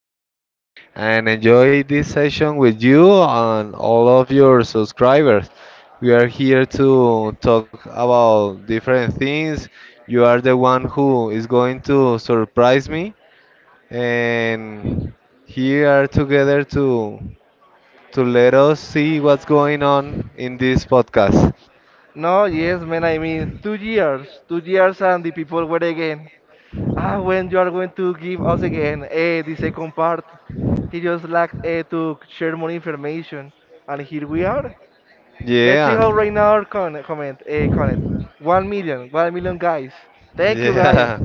again and enjoy this session with you and all of your subscribers. We are here to talk about different things. You are the one who is going to surprise me, and here are together to let us see what's going on in this podcast. No, yes, man. I mean, two years, and the people were again. Ah, when you are going to give us again the second part, he just lacked to share more information, and here we are. Let's see Yeah. how right now our comment. One million guys. Thank you guys. Yeah.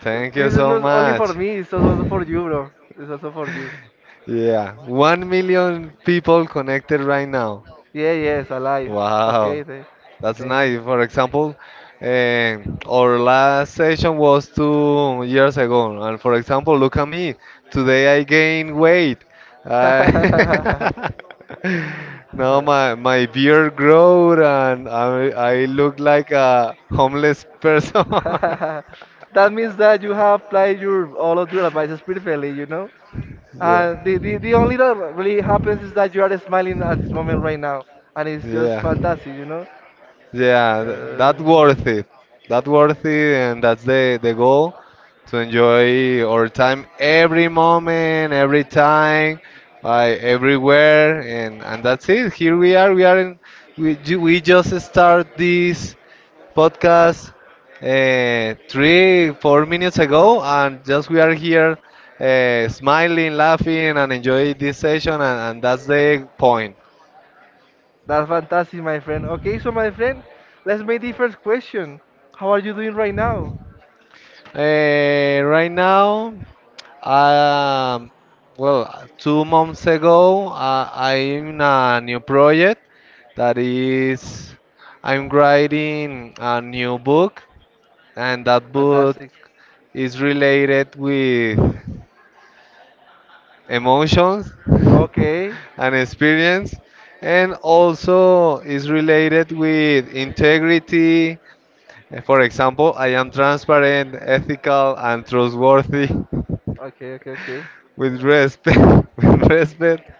Thank you This is so not only for much. me, it's also for you, bro. It's also for you. Yeah. 1 million people connected right now. Yeah, yes, alive. Wow. Okay, th That's Thank you. nice. For example, our last session was 2 years ago, and for example, look at me. Today I gained weight. I now my beard growed, and I look like a homeless person. That means that you have applied your all of your advices perfectly, you know? Uh, yeah, the, the, the only that really happens is that you are smiling at this moment right now, and it's just yeah. fantastic, you know? Yeah, that's Uh, worth it. That' worth it, and that's the goal to enjoy our time every moment, every time, like everywhere, and that's it. Here we are. We are in. We just start this podcast 3 4 minutes ago, and just we are here, smiling, laughing, and enjoy this session, and that's the point. that's fantastic, my friend. Okay, so my friend, let's make the first question. How are you doing right now? Right now, um, well, 2 months ago, I'm in a new project that is, I'm writing a new book, and that book Fantastic. is related with emotions Okay, and experience, and also is related with integrity. For example, I am transparent, ethical, and trustworthy. okay, okay, okay. With respect, with respect,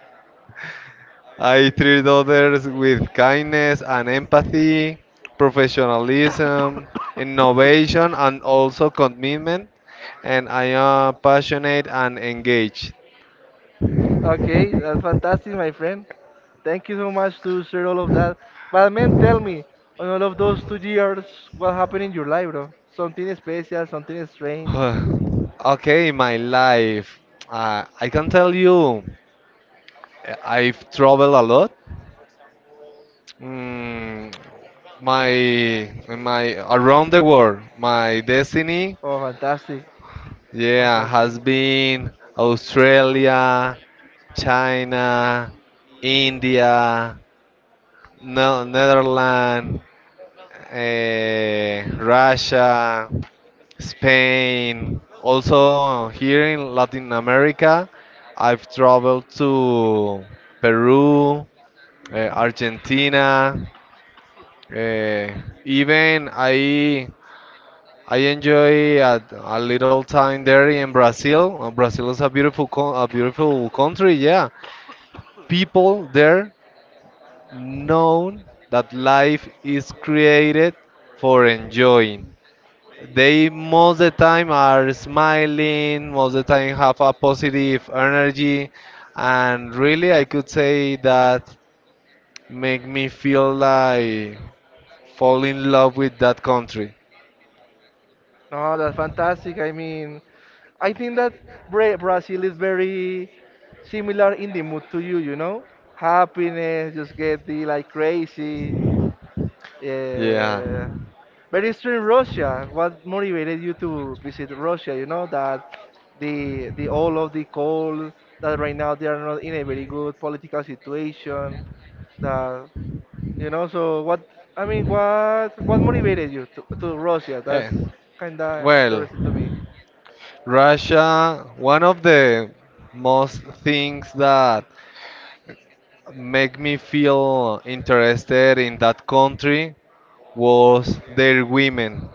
I treat others with kindness and empathy, professionalism, innovation, and also commitment. And I am passionate and engaged. Okay, that's fantastic, my friend. Thank you so much to share all of that. But man, tell me, on all of those 2 years, what happened in your life, bro? Something special, something strange. Okay, my life. I can tell you, I've traveled a lot. Mm, my my around the world. My destiny, Oh, fantastic, yeah, fantastic. has been Australia, China, India, no, Netherlands, Russia, Spain. Also here in Latin America, I've traveled to Peru, Argentina. eh, Even I enjoy a little time there in Brazil. Brazil is a a beautiful country. Yeah, people there know that life is created for enjoying. They most the time are smiling. Most the time have a positive energy, and really I could say that make me feel like fall in love with that country. No, that's fantastic. I mean, I think that Brazil is very similar in the mood to you, you know? Happiness, just get the like crazy. Yeah. Uh, but it's in Russia. What motivated you to visit Russia? You know that the all of the coal that right now they are not in a very good political situation. That you know. So what I mean, what motivated you to Russia? That's Eh, kind of well. interesting to me. Russia, one of the most things that make me feel interested in that country was their women,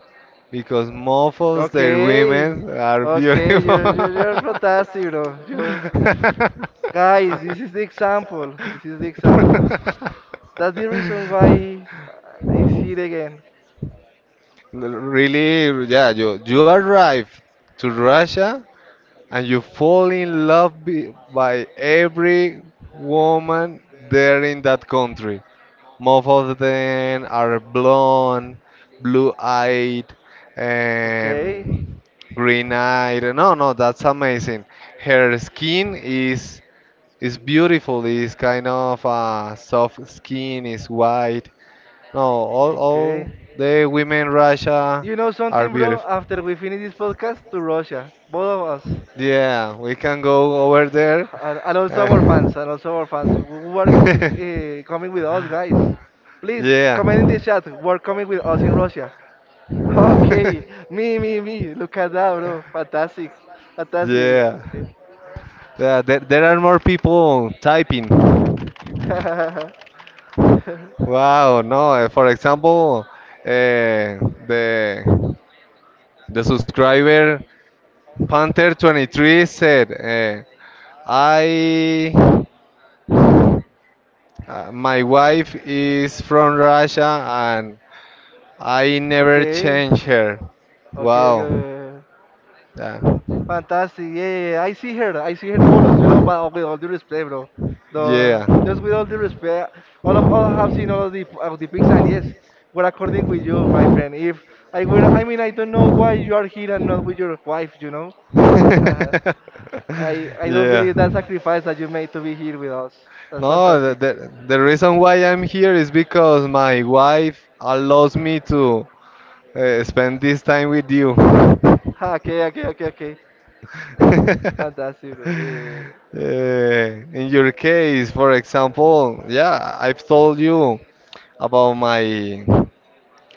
because most of their Okay, women are okay, beautiful. you're, you're you're fantastic, bro. You guys, this is the example. This is the example. That's the reason why I see it again. Really, yeah, you arrive to Russia and you fall in love by every woman there in that country. Most of them are blonde, blue-eyed, Okay, and green-eyed. No, no, that's amazing. Her skin is beautiful. It's kind of soft skin. Is white. No, all okay. the women Russia You know are something, bro? beautiful. After we finish this podcast, to Russia, both of us, Yeah, we can go over there. and also our Uh, fans, and also our fans who are yeah, coming with us, guys. Please comment in the chat. We're coming with us in Russia. Okay, me, me, me. Look at that, bro. Fantastic, fantastic. yeah. Yeah, there are more people typing. Okay. Wow, no. For example, eh, the subscriber Panther23 said, "I, my wife is from Russia and I never Okay, change her." okay, Wow. okay. Yeah. Fantastic. Yeah, yeah, yeah. I see her. I see her photos, you know, but with all due respect, bro. The, Yeah. just with all due respect, all have seen all of the pics, and yes, we're according with you, my friend. If I were, I mean, I don't know why you are here and not with your wife, you know. I don't yeah. believe that sacrifice that you made to be here with us. That's No, the, fantastic. the, the reason why I'm here is because my wife allows me to spend this time with you. Okay, okay, okay, okay. Fantastic, bro. Yeah, yeah, yeah. In your case, for example, yeah, I've told you about my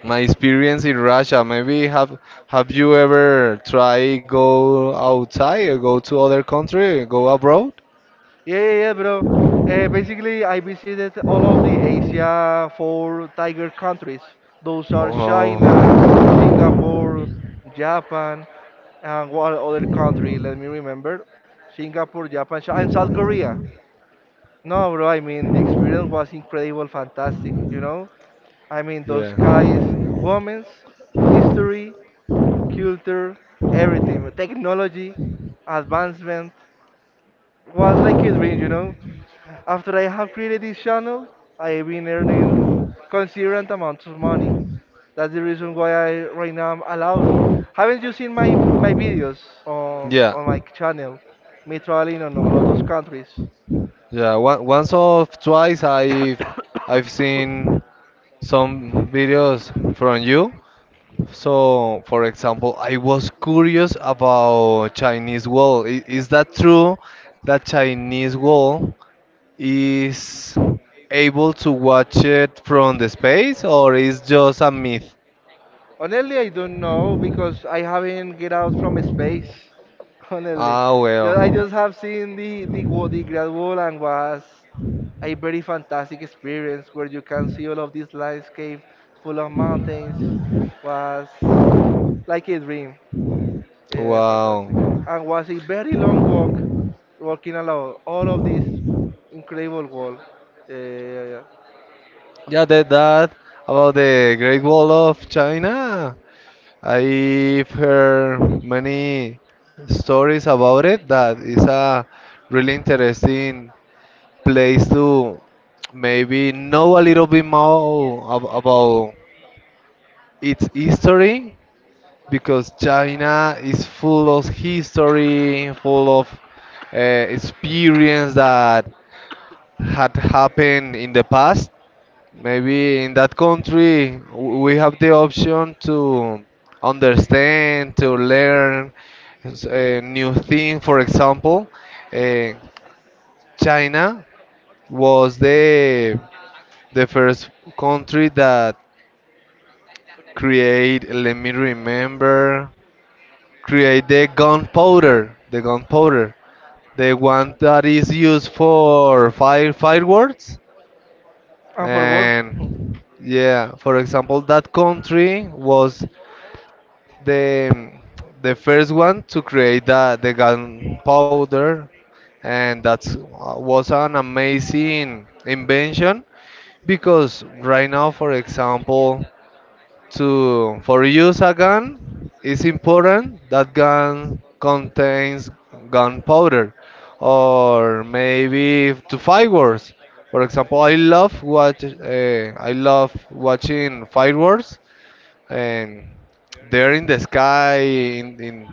my experience in Russia. Maybe have you ever try go outside or go to other country, go abroad? Yeah, yeah, yeah, bro. Basically, I visited all of the Asia four tiger countries. Those are China, Oh, Singapore, Japan, and what other country? Let me remember. Singapore, Japan, and South Korea. No, bro, I mean, the experience was incredible, fantastic, you know? I mean, those yeah. guys, women's, history, culture, everything, technology, advancement, was like a dream, you know? After I have created this channel, I have been earning considerable amounts of money. That's the reason why I right now I'm allowed. Haven't you seen my videos Yeah. on my channel? Me traveling on all of those countries. Yeah, once or twice I've seen some videos from you. So, for example, I was curious about Chinese wall. Is that true that Chinese wall is able to watch it from the space or is just a myth? Honestly, I don't know because I haven't get out from space. Honestly, Ah, I well. just have seen the the Great Wall and was a very fantastic experience where you can see all of this landscape full of mountains was like a dream. Yeah, fantastic. Yeah. Wow. And was a very long walk, walking along all of this incredible wall. Yeah, yeah, yeah. Yeah. Yeah, that about the Great Wall of China. I've heard many stories about it. That is a really interesting place to maybe know a little bit more about its history because China is full of history, full of experience that had happened in the past. Maybe in that country we have the option to understand, to learn a new thing. For example, eh, China was the first country that create. Let me remember. Create the gunpowder. The gunpowder. The one that is used for fire fireworks. And for work. And yeah, for example, that country was the the first one to create the gunpowder, and that was an amazing invention because right now, for example, to for use a gun, it's important that gun contains gunpowder or maybe to fireworks. For example, I love watching fireworks, and they're in the sky in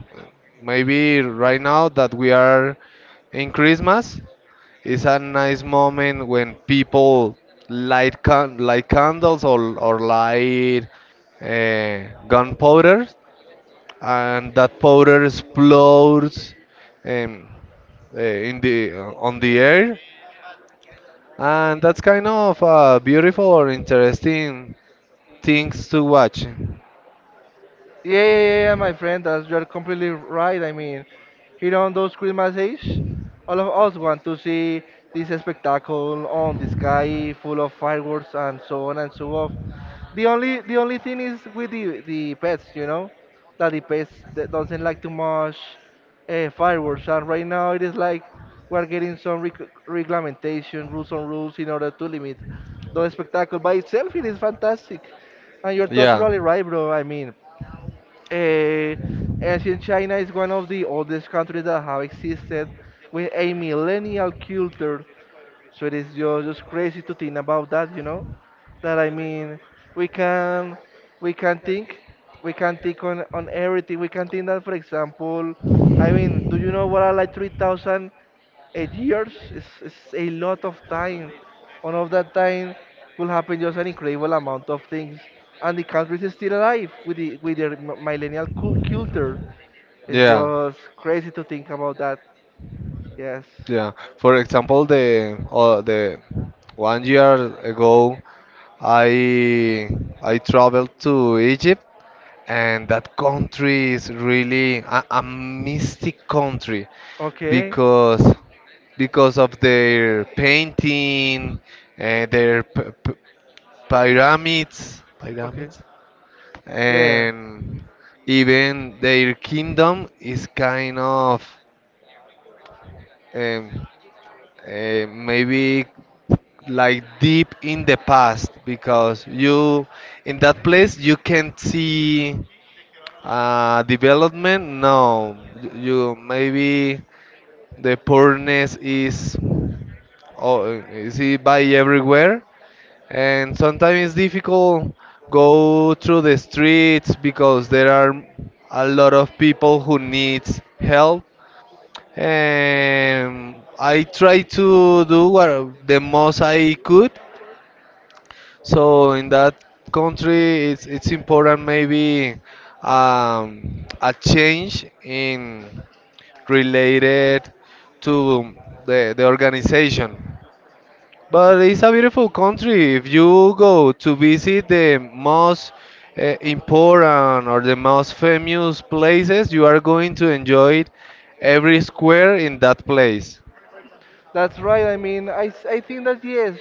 maybe right now that we are in christmas. Is a nice moment when people light candles or light uh, gunpowder, and that powder explodes um, in the on the air, and that's kind of beautiful or interesting things to watch. Yeah, yeah, yeah, yeah, my friend, that's you're completely right. I mean, here on those Christmas Eve, all of us want to see this spectacle on the sky, full of fireworks and so on and so on. The only thing is with the pets, you know, that the pets that doesn't like too much fireworks, and right now it is like we're getting some regulation rules in order to limit the spectacle. By itself, it is fantastic, and you're Yeah, totally right, bro. I mean. Uh, ancient China is one of the oldest countries that have existed with a millennial culture. So it is just crazy to think about that, you know? That I mean, we can we can think we can think on everything. We can think that, for example, I mean, do you know what are like 3,000 8 years is a lot of time. All of that time will happen just an incredible amount of things, and the country is still alive with their millennial culture. It's yeah. just crazy to think about that. Yes. Yeah. For example, the one year ago, I I traveled to Egypt, and that country is really a mystic country Okay. because of their painting, their Okay. pyramids, Yeah. and even their kingdom is kind of um, maybe like deep in the past because you in that place you can't see development. No, you maybe the poorness is, oh, is it by everywhere, and sometimes it's difficult go through the streets because there are a lot of people who needs help. I tried to do what the most I could. So in that country, it's important maybe a change in related to the organization. But it's a beautiful country. If you go to visit the most important or the most famous places, you are going to enjoy every square in that place. That's right. I mean, I think that yes,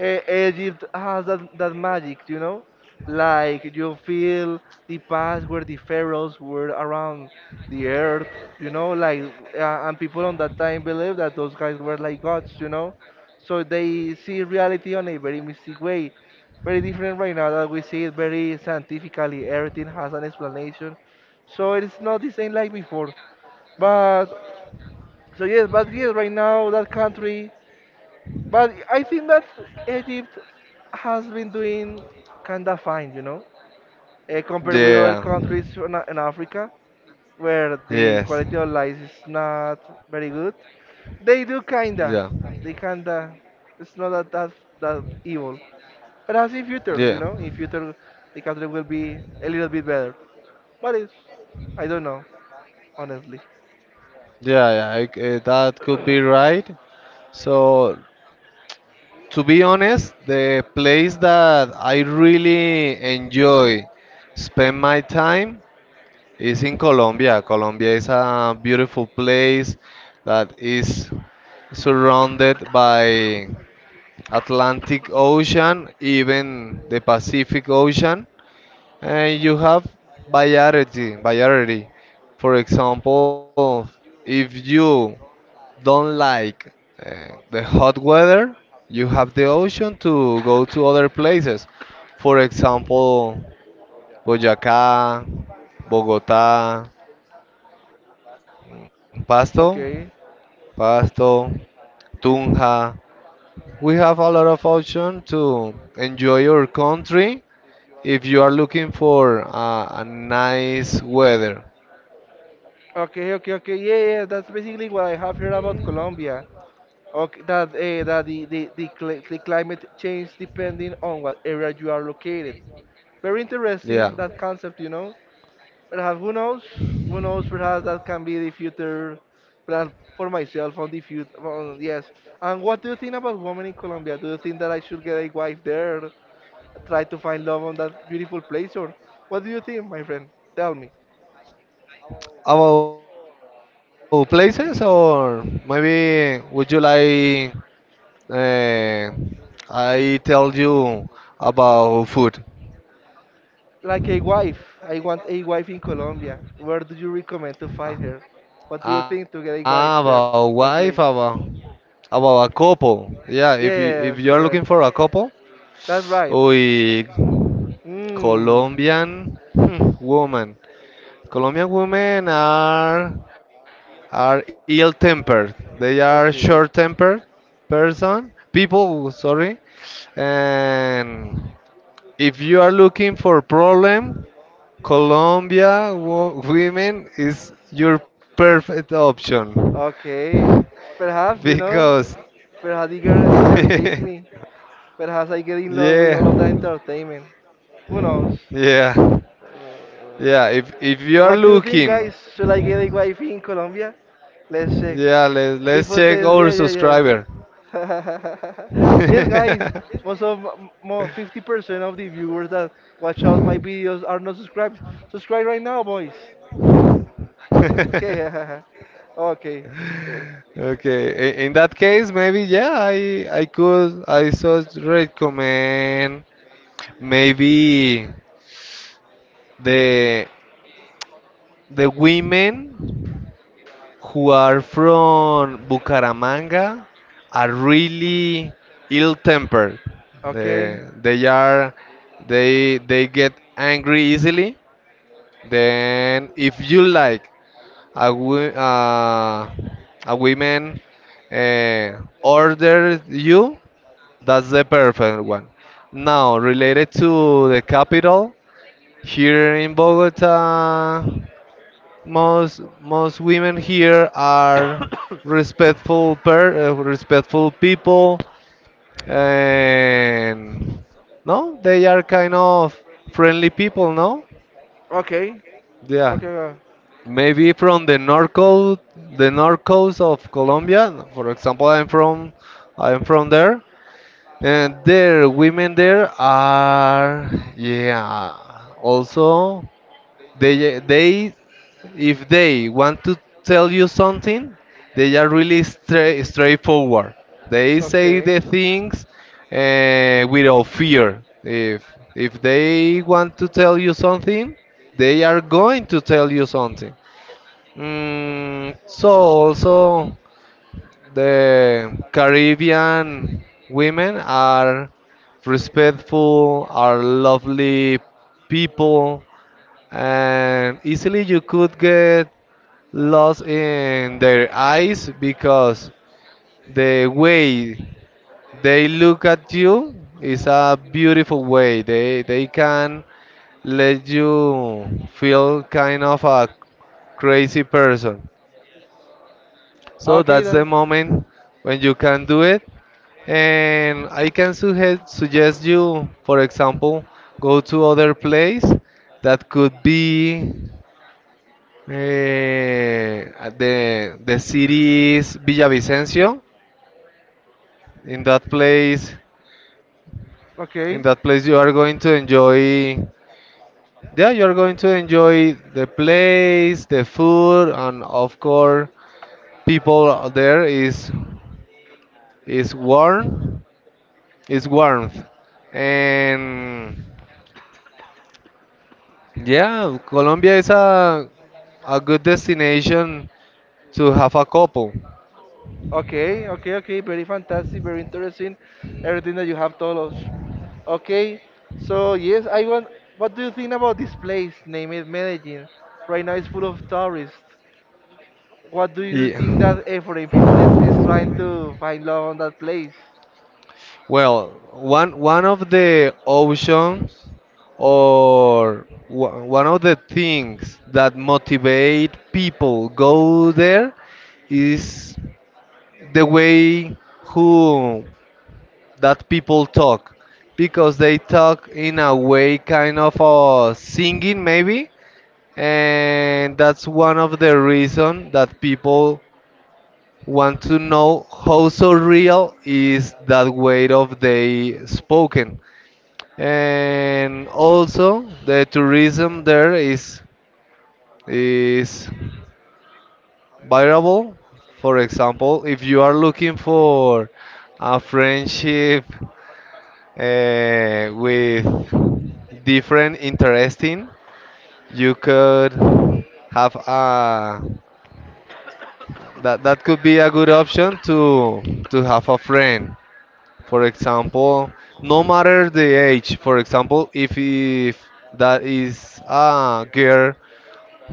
Egypt has that, that magic, you know? Like you feel the past where the pharaohs were around the earth, you know? Like, and people on that time believed that those guys were like gods, you know? So they see reality on a very mystic way. Very different right now that we see it very scientifically. Everything has an explanation. So it's not the same like before. But, so yes, but yes, right now that country. But I think that Egypt has been doing kind of fine, you know, compared with other Yeah. countries A- in Africa where the Yes. quality of life is not very good. They do Yeah. kinda, they kinda. It's not that that evil. Perhaps in future, Yeah. Yeah. you know, in future the country will be a little bit better. But it's, I don't know, honestly. Yeah. That could be right. So, to be honest, the place that I really enjoy spend my time is in Colombia. Colombia is a beautiful place that is surrounded by Atlantic Ocean, even the Pacific Ocean. And you have variety, variety. For example, if you don't like the hot weather, you have the option to go to other places. For example, Boyacá, Bogotá, Pasto, Okay. Pasto, Tunja. We have a lot of option to enjoy your country if you are looking for a nice weather. Okay, okay, okay. Yeah, yeah, yeah. That's basically what I have heard about Colombia. Okay, that that the cli- the climate change depending on what area you are located. Very interesting that Yeah. concept, you know. Perhaps who knows? Who knows? Perhaps that can be the future plan for myself on the future. On, yes. And what do you think about women in Colombia? Do you think that I should get a wife there, try to find love on that beautiful place, or what do you think, my friend? Tell me. About places, or maybe would you like uh, I tell you about food? Like a wife. I want a wife in Colombia. Where do you recommend to find her? Ah, What do you think to get a wife ah, there, about that wife, place? About a couple. Yeah, if Yes, you're correct. looking for a couple, That's right. we Mm. Colombian woman. Colombian women are ill-tempered. They are Okay. short-tempered person people. Sorry, and if you are looking for problem, Colombia women is your perfect option Okay. Perhaps, you know, because perhaps the girl entertains yeah, me. Perhaps I get in love with all of that entertainment. Who knows? yeah, Uh, yeah. If what you do are you think, guys? looking, Should I get a wife in Colombia? Let's check. yeah, let's People check says, yeah, our yeah, subscriber. yes. Yes, guys, most of more 50% of the viewers that watch out my videos are not subscribed. Subscribe right now, boys. Okay, okay, yes, Okay, in that case, maybe yeah, I should recommend maybe the the women who are from Bucaramanga are really ill-tempered. okay, They they are they get angry easily. Then if you like a wo- uh, a woman uh, order you. That's the perfect one. Now, related to the capital, here in Bogota, most women here are respectful people, and no, they are kind of friendly people, no? okay, Yeah. okay. Uh, Maybe from the north coast of Colombia. For example, I'm from there. And there, women there are, yeah. Also, they if they want to tell you something, they are really straightforward. They say okay. the things without fear. If they want to tell you something, they are going to tell you something. Mm, so also the Caribbean women are respectful, are lovely people, and easily you could get lost in their eyes because the way they look at you is a beautiful way. They can let you feel kind of a crazy person. So Okay, that's the that's moment when you can do it. And I can suggest you, for example, go to other place that could be at the city is Villavicencio. In that place, in okay. that place you are going to enjoy. Yeah, you are going to enjoy the place, the food, and of course, people there is warm. It's warmth. And yeah, Colombia is a good destination to have a couple. Okay, okay, okay. Very fantastic, very interesting. Everything that you have told us. Okay, so yes, I want. What do you think about this place named Medellin? Right now, it's full of tourists. What do you Yeah. think that Ephraim people is trying to find love on that place? Well, one one of the oceans one of the things that motivate people go there is the way who that people talk because they talk in a way kind of singing maybe, and that's one of the reasons that people want to know how so real is that way of they spoken. And also the tourism there is variable. For example, if you are looking for a friendship with different interesting you could have a. That that could be a good option to have a friend. For example, no matter the age. For example, if that is a girl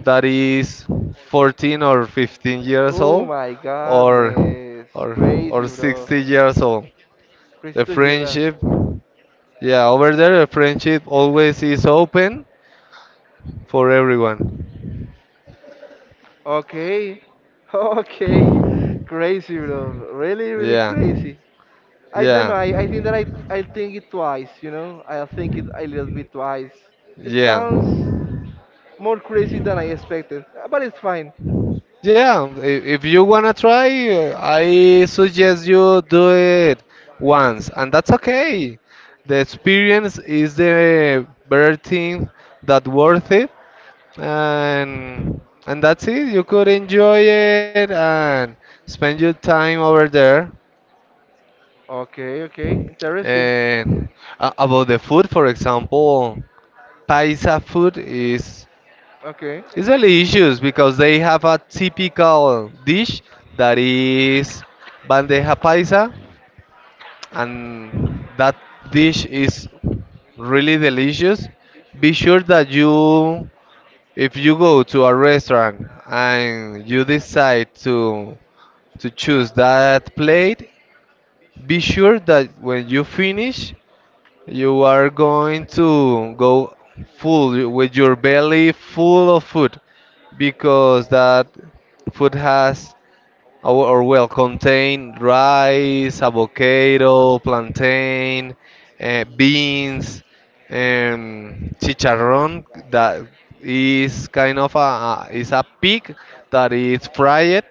that is 14 or 15 years Oh old, my or goodness, or crazy, bro. 60 years old, Crazy the to hear that. friendship, yeah, over there the friendship always is open for everyone. Okay. Okay. Crazy, bro. Really, really Yeah, crazy. I don't know. yeah, I think that I'll think it twice, you know? I'll think it a little bit twice. It yeah. sounds more crazy than I expected, but it's fine. Yeah, if you wanna try, I suggest you do it once, and that's okay. The experience is the better thing that worth it, and and that's it. You could enjoy it and spend your time over there. Okay, okay. Interesting. And about the food, for example, paisa food is Okay. it's delicious because they have a typical dish that is bandeja paisa, and that dish is really delicious. Be sure that you, if you go to a restaurant and you decide to choose that plate, be sure that when you finish, you are going to go full with your belly full of food because that food has or well contain rice, avocado, plantain, beans, chicharrón that is kind of is a pig that is fried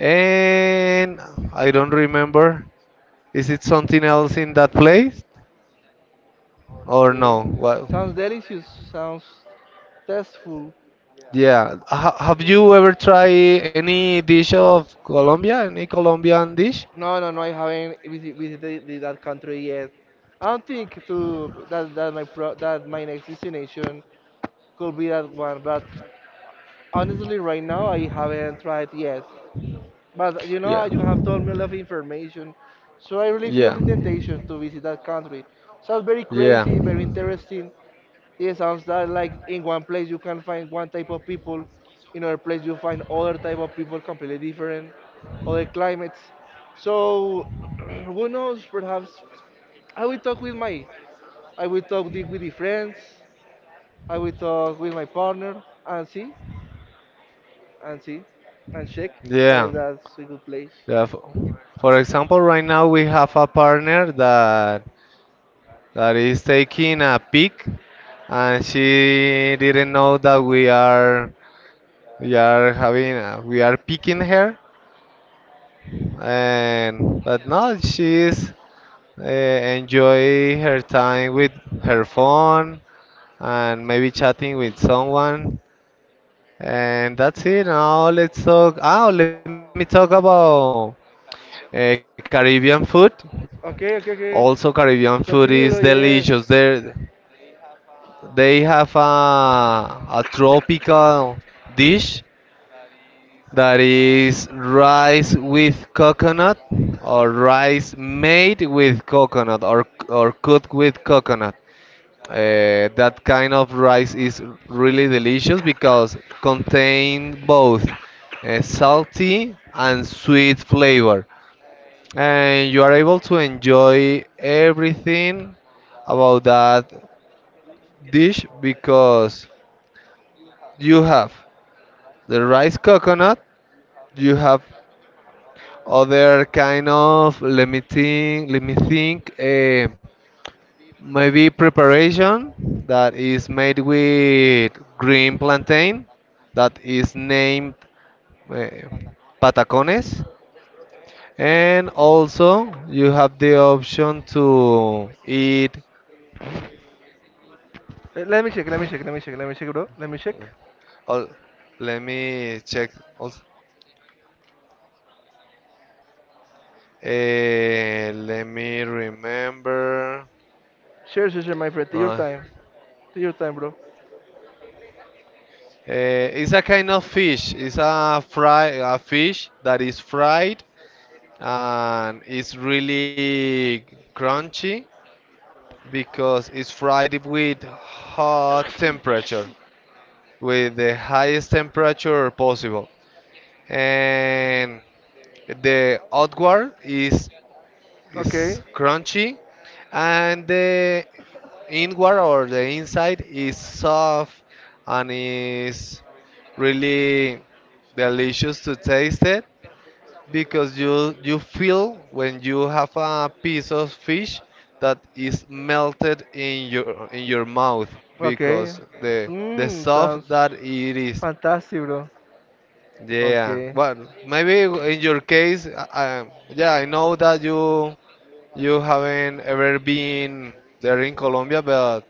and I don't remember is it something else in that place or Okay. no? What? Sounds delicious. Sounds tasteful. Yeah. Ha Have you ever tried any dish of Colombia? Any Colombian dish? No, no, no. I haven't visited that country yet. I don't think to that that my that my next destination could be that one. But honestly, right now I haven't tried yet. But you know, Yeah. you have told me a lot of information, so I really feel the Yeah. temptation to visit that country. Sounds very Yeah. crazy, very interesting. It sounds that like in one place you can find one type of people, in other place you find other type of people completely different, other climates. So who knows? Perhaps I will talk with my, I will talk with the friends, I will talk with my partner and see. and see and check Yeah. that if that's a good place. Yeah. For example, right now we have a partner that is taking a pig, and she didn't know that we are having we are picking her, and but now she is enjoy her time with her phone and maybe chatting with someone. And that's it. Now let's talk. Oh, let me talk about Caribbean food. Okay, okay, okay. Also, Caribbean food Continue, bro. is Yeah, delicious. yes. There, they have a tropical dish that is rice with coconut or rice made with coconut or cooked with coconut. That kind of rice is really delicious because contain both salty and sweet flavor, and you are able to enjoy everything about that dish because you have the rice coconut, you have other kind of let me think, let me think. Maybe preparation that is made with green plantain that is named uh, patacones. And also you have the option to eat. Wait, let me check. Let me check. Let me check. Let me check, bro. Let me check. Oh, let me check. Also. Let me remember. Sure, sure, sure, my friend. Take your No. time. Take your time, bro. It's a kind of fish. It's a fry a fish that is fried and it's really crunchy because it's fried with hot temperature, with the highest temperature possible, and the outward Okay. is crunchy, and the inward or the inside is soft and is really delicious to taste it because you feel when you have a piece of fish that is melted in your mouth Okay. because the Mm, soft sounds that it is. fantastic, bro. Yeah, Okay. well, maybe in your case, yeah, I know that you haven't ever been there in Colombia but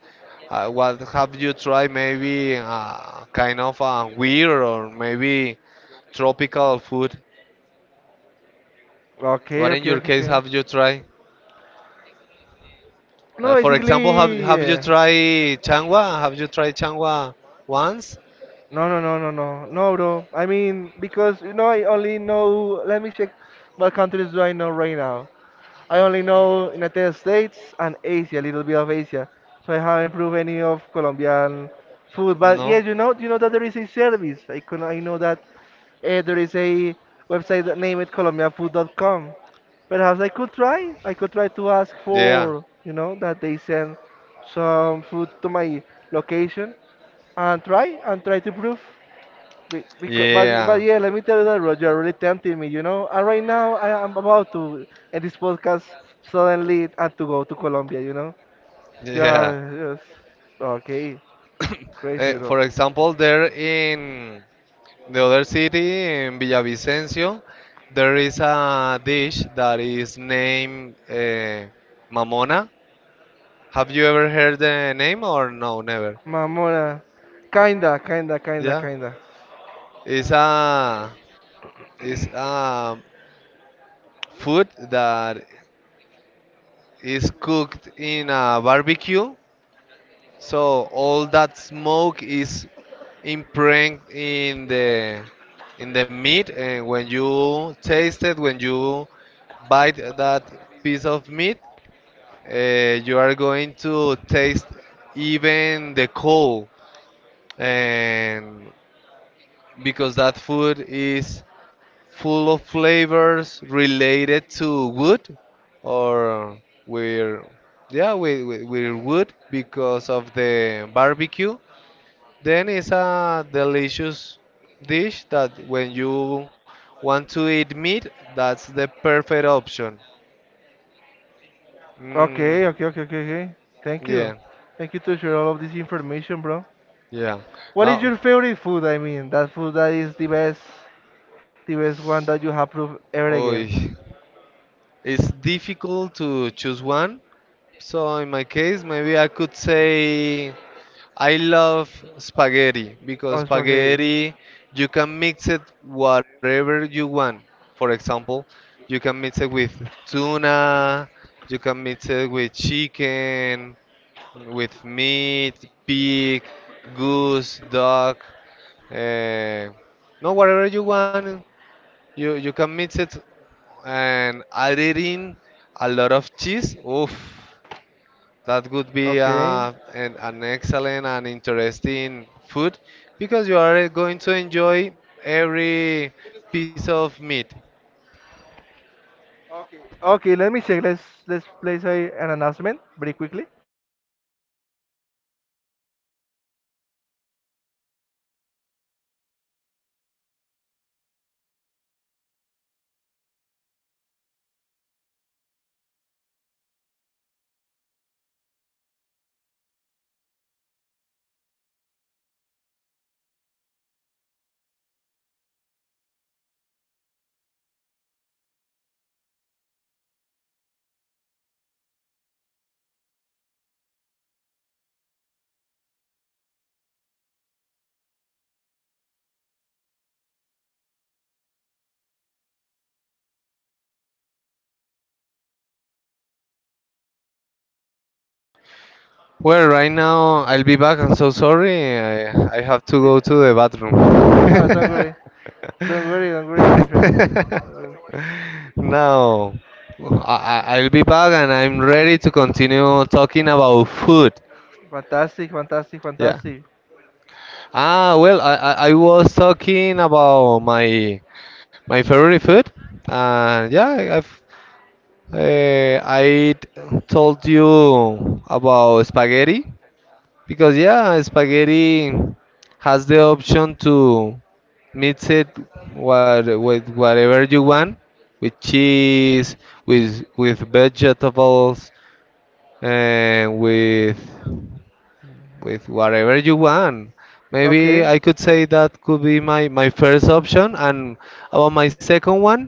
what have you tried, maybe kind of a weird or maybe tropical food, Okay, what in okay, your okay, case okay. have you tried? No, For example, basically, have you yeah. tried changua? Have you tried changua once? No, no, no, no, no, no, bro. I mean, because I only know. Let me check. What countries do I know right now? I only know United States and Asia, a little bit of Asia. So I haven't proved any of Colombian food. But No. yes, you know that there is a service. I know that there is a website that named it colombianfood.com. Perhaps I could try. I could try to ask Yeah. for, that they send some food to my location and try to prove. But Yeah. yeah, let me tell you that Roger you're really tempting me. And right now, I am about to end this podcast suddenly and to go to Colombia, you know. You are Yeah. just okay, crazy, bro. For example, there in the other city in Villavicencio, there is a dish that is named mamona. Have you ever heard the name or no? Never. Mamona, kinda, kinda, kinda, Yeah. kinda. It's a it's a food that is cooked in a barbecue, so all that smoke is impregnated in the meat, and when you taste it, when you bite that piece of meat, uh, you are going to taste even the coal, and because that food is full of flavors related to wood or we're yeah we're wood because of the barbecue, then it's a delicious dish that when you want to eat meat, that's the perfect option. Mm, Okay, okay, okay, okay, okay. Thank you, yeah, thank you to share all of this information, bro. yeah. What is Now, your favorite food? I mean, that food that is the best one that you have proved ever oy, again. it's difficult to choose one. So in my case, maybe I could say I love spaghetti because Oh, spaghetti. spaghetti you can mix it whatever you want. For example, you can mix it with tuna, you can mix it with chicken, with meat, pig, goose, dog, uh, no whatever you want. You can mix it and add it in a lot of cheese. Oof. That would Okay. be Okay. An excellent and interesting food because you are going to enjoy every piece of meat. Okay, let me check. Let's place an announcement very quickly. Well, right now I'll be back. I'm so sorry. I have to go to Yeah. the bathroom. Ah, don't worry, don't worry, don't worry, my friend. Do No, I'll be back and I'm ready to continue talking about food. Fantastic, fantastic, Yeah. fantastic. Ah, well, I was talking about my my favorite food? Yeah, I've I told you about spaghetti because yeah, spaghetti has the option to mix it what, with whatever you want, with cheese, with vegetables, and with whatever you want. Maybe Okay. I could say that could be my, my first option, and about my second one,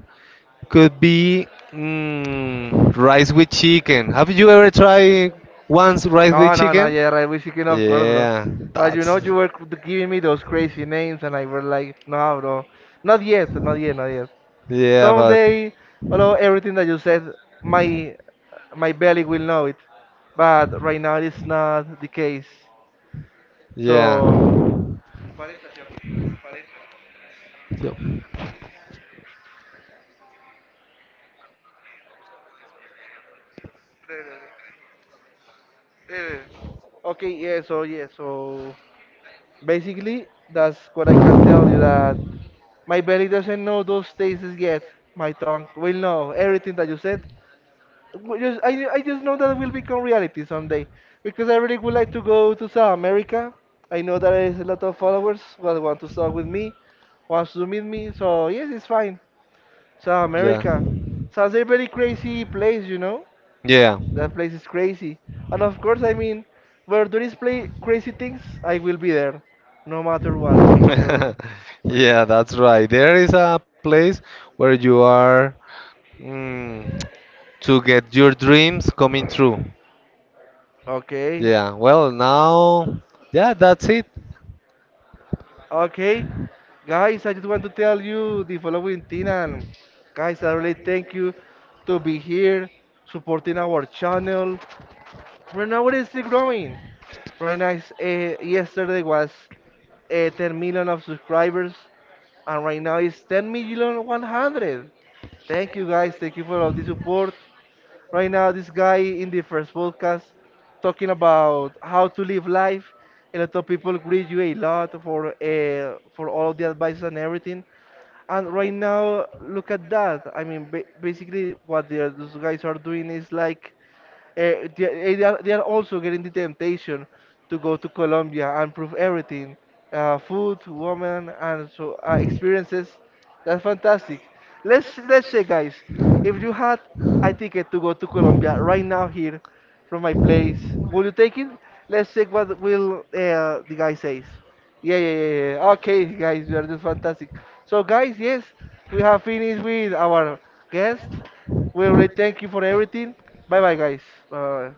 could be mm, rice with chicken. Have you ever tried once rice with No, no, no. chicken? Yeah, right. We chicken, of course, bro. Yeah, But you that's know, you were c- giving me those crazy names, and I were like, no, bro, not yet, not yet, not yet. yeah, but Someday, although everything that you said, my my belly will know it, but right now it is not the case. yeah, So, so, okay, yeah, so yeah, so basically that's what I can tell you that my belly doesn't know those tastes yet. My tongue will know everything that you said. I just know that it will become reality someday because I really would like to go to South America. I know that there is a lot of followers that want to talk with me, wants to meet me. So yes, it's fine. South yeah. America. South a very crazy place, you know? Yeah. That place is crazy. And of course, I mean, where there is play crazy things, I will be there. No matter what, no matter. So, yes. Yeah, that's right. There is a place where you are mm, to get your dreams coming true. Okay. Yeah, well, now, yeah, that's it. Okay. Guys, I just want to tell you the following thing. And guys, I really thank you to be here, supporting our channel. Right now, it is still growing. Right now, yesterday was 10 million of subscribers. And right now it's 10 million 100. Thank you, guys. Thank you for all the support. Right now, this guy in the first podcast talking about how to live life, a lot of people greet you a lot for all of the advice and everything. And right now look at that. I mean, basically what those guys are doing is like they are also getting the temptation to go to Colombia and prove everything, food, women, and so experiences. That's fantastic. Let's say, guys, if you had a ticket to go to Colombia right now here from my place, will you take it? Let's check what will the guy says. Yeah, yeah, yeah, yeah, yeah. Okay, guys, you are just fantastic. So, guys, yes, we have finished with our guest. We really thank you for everything. Bye bye, guys. Bye bye.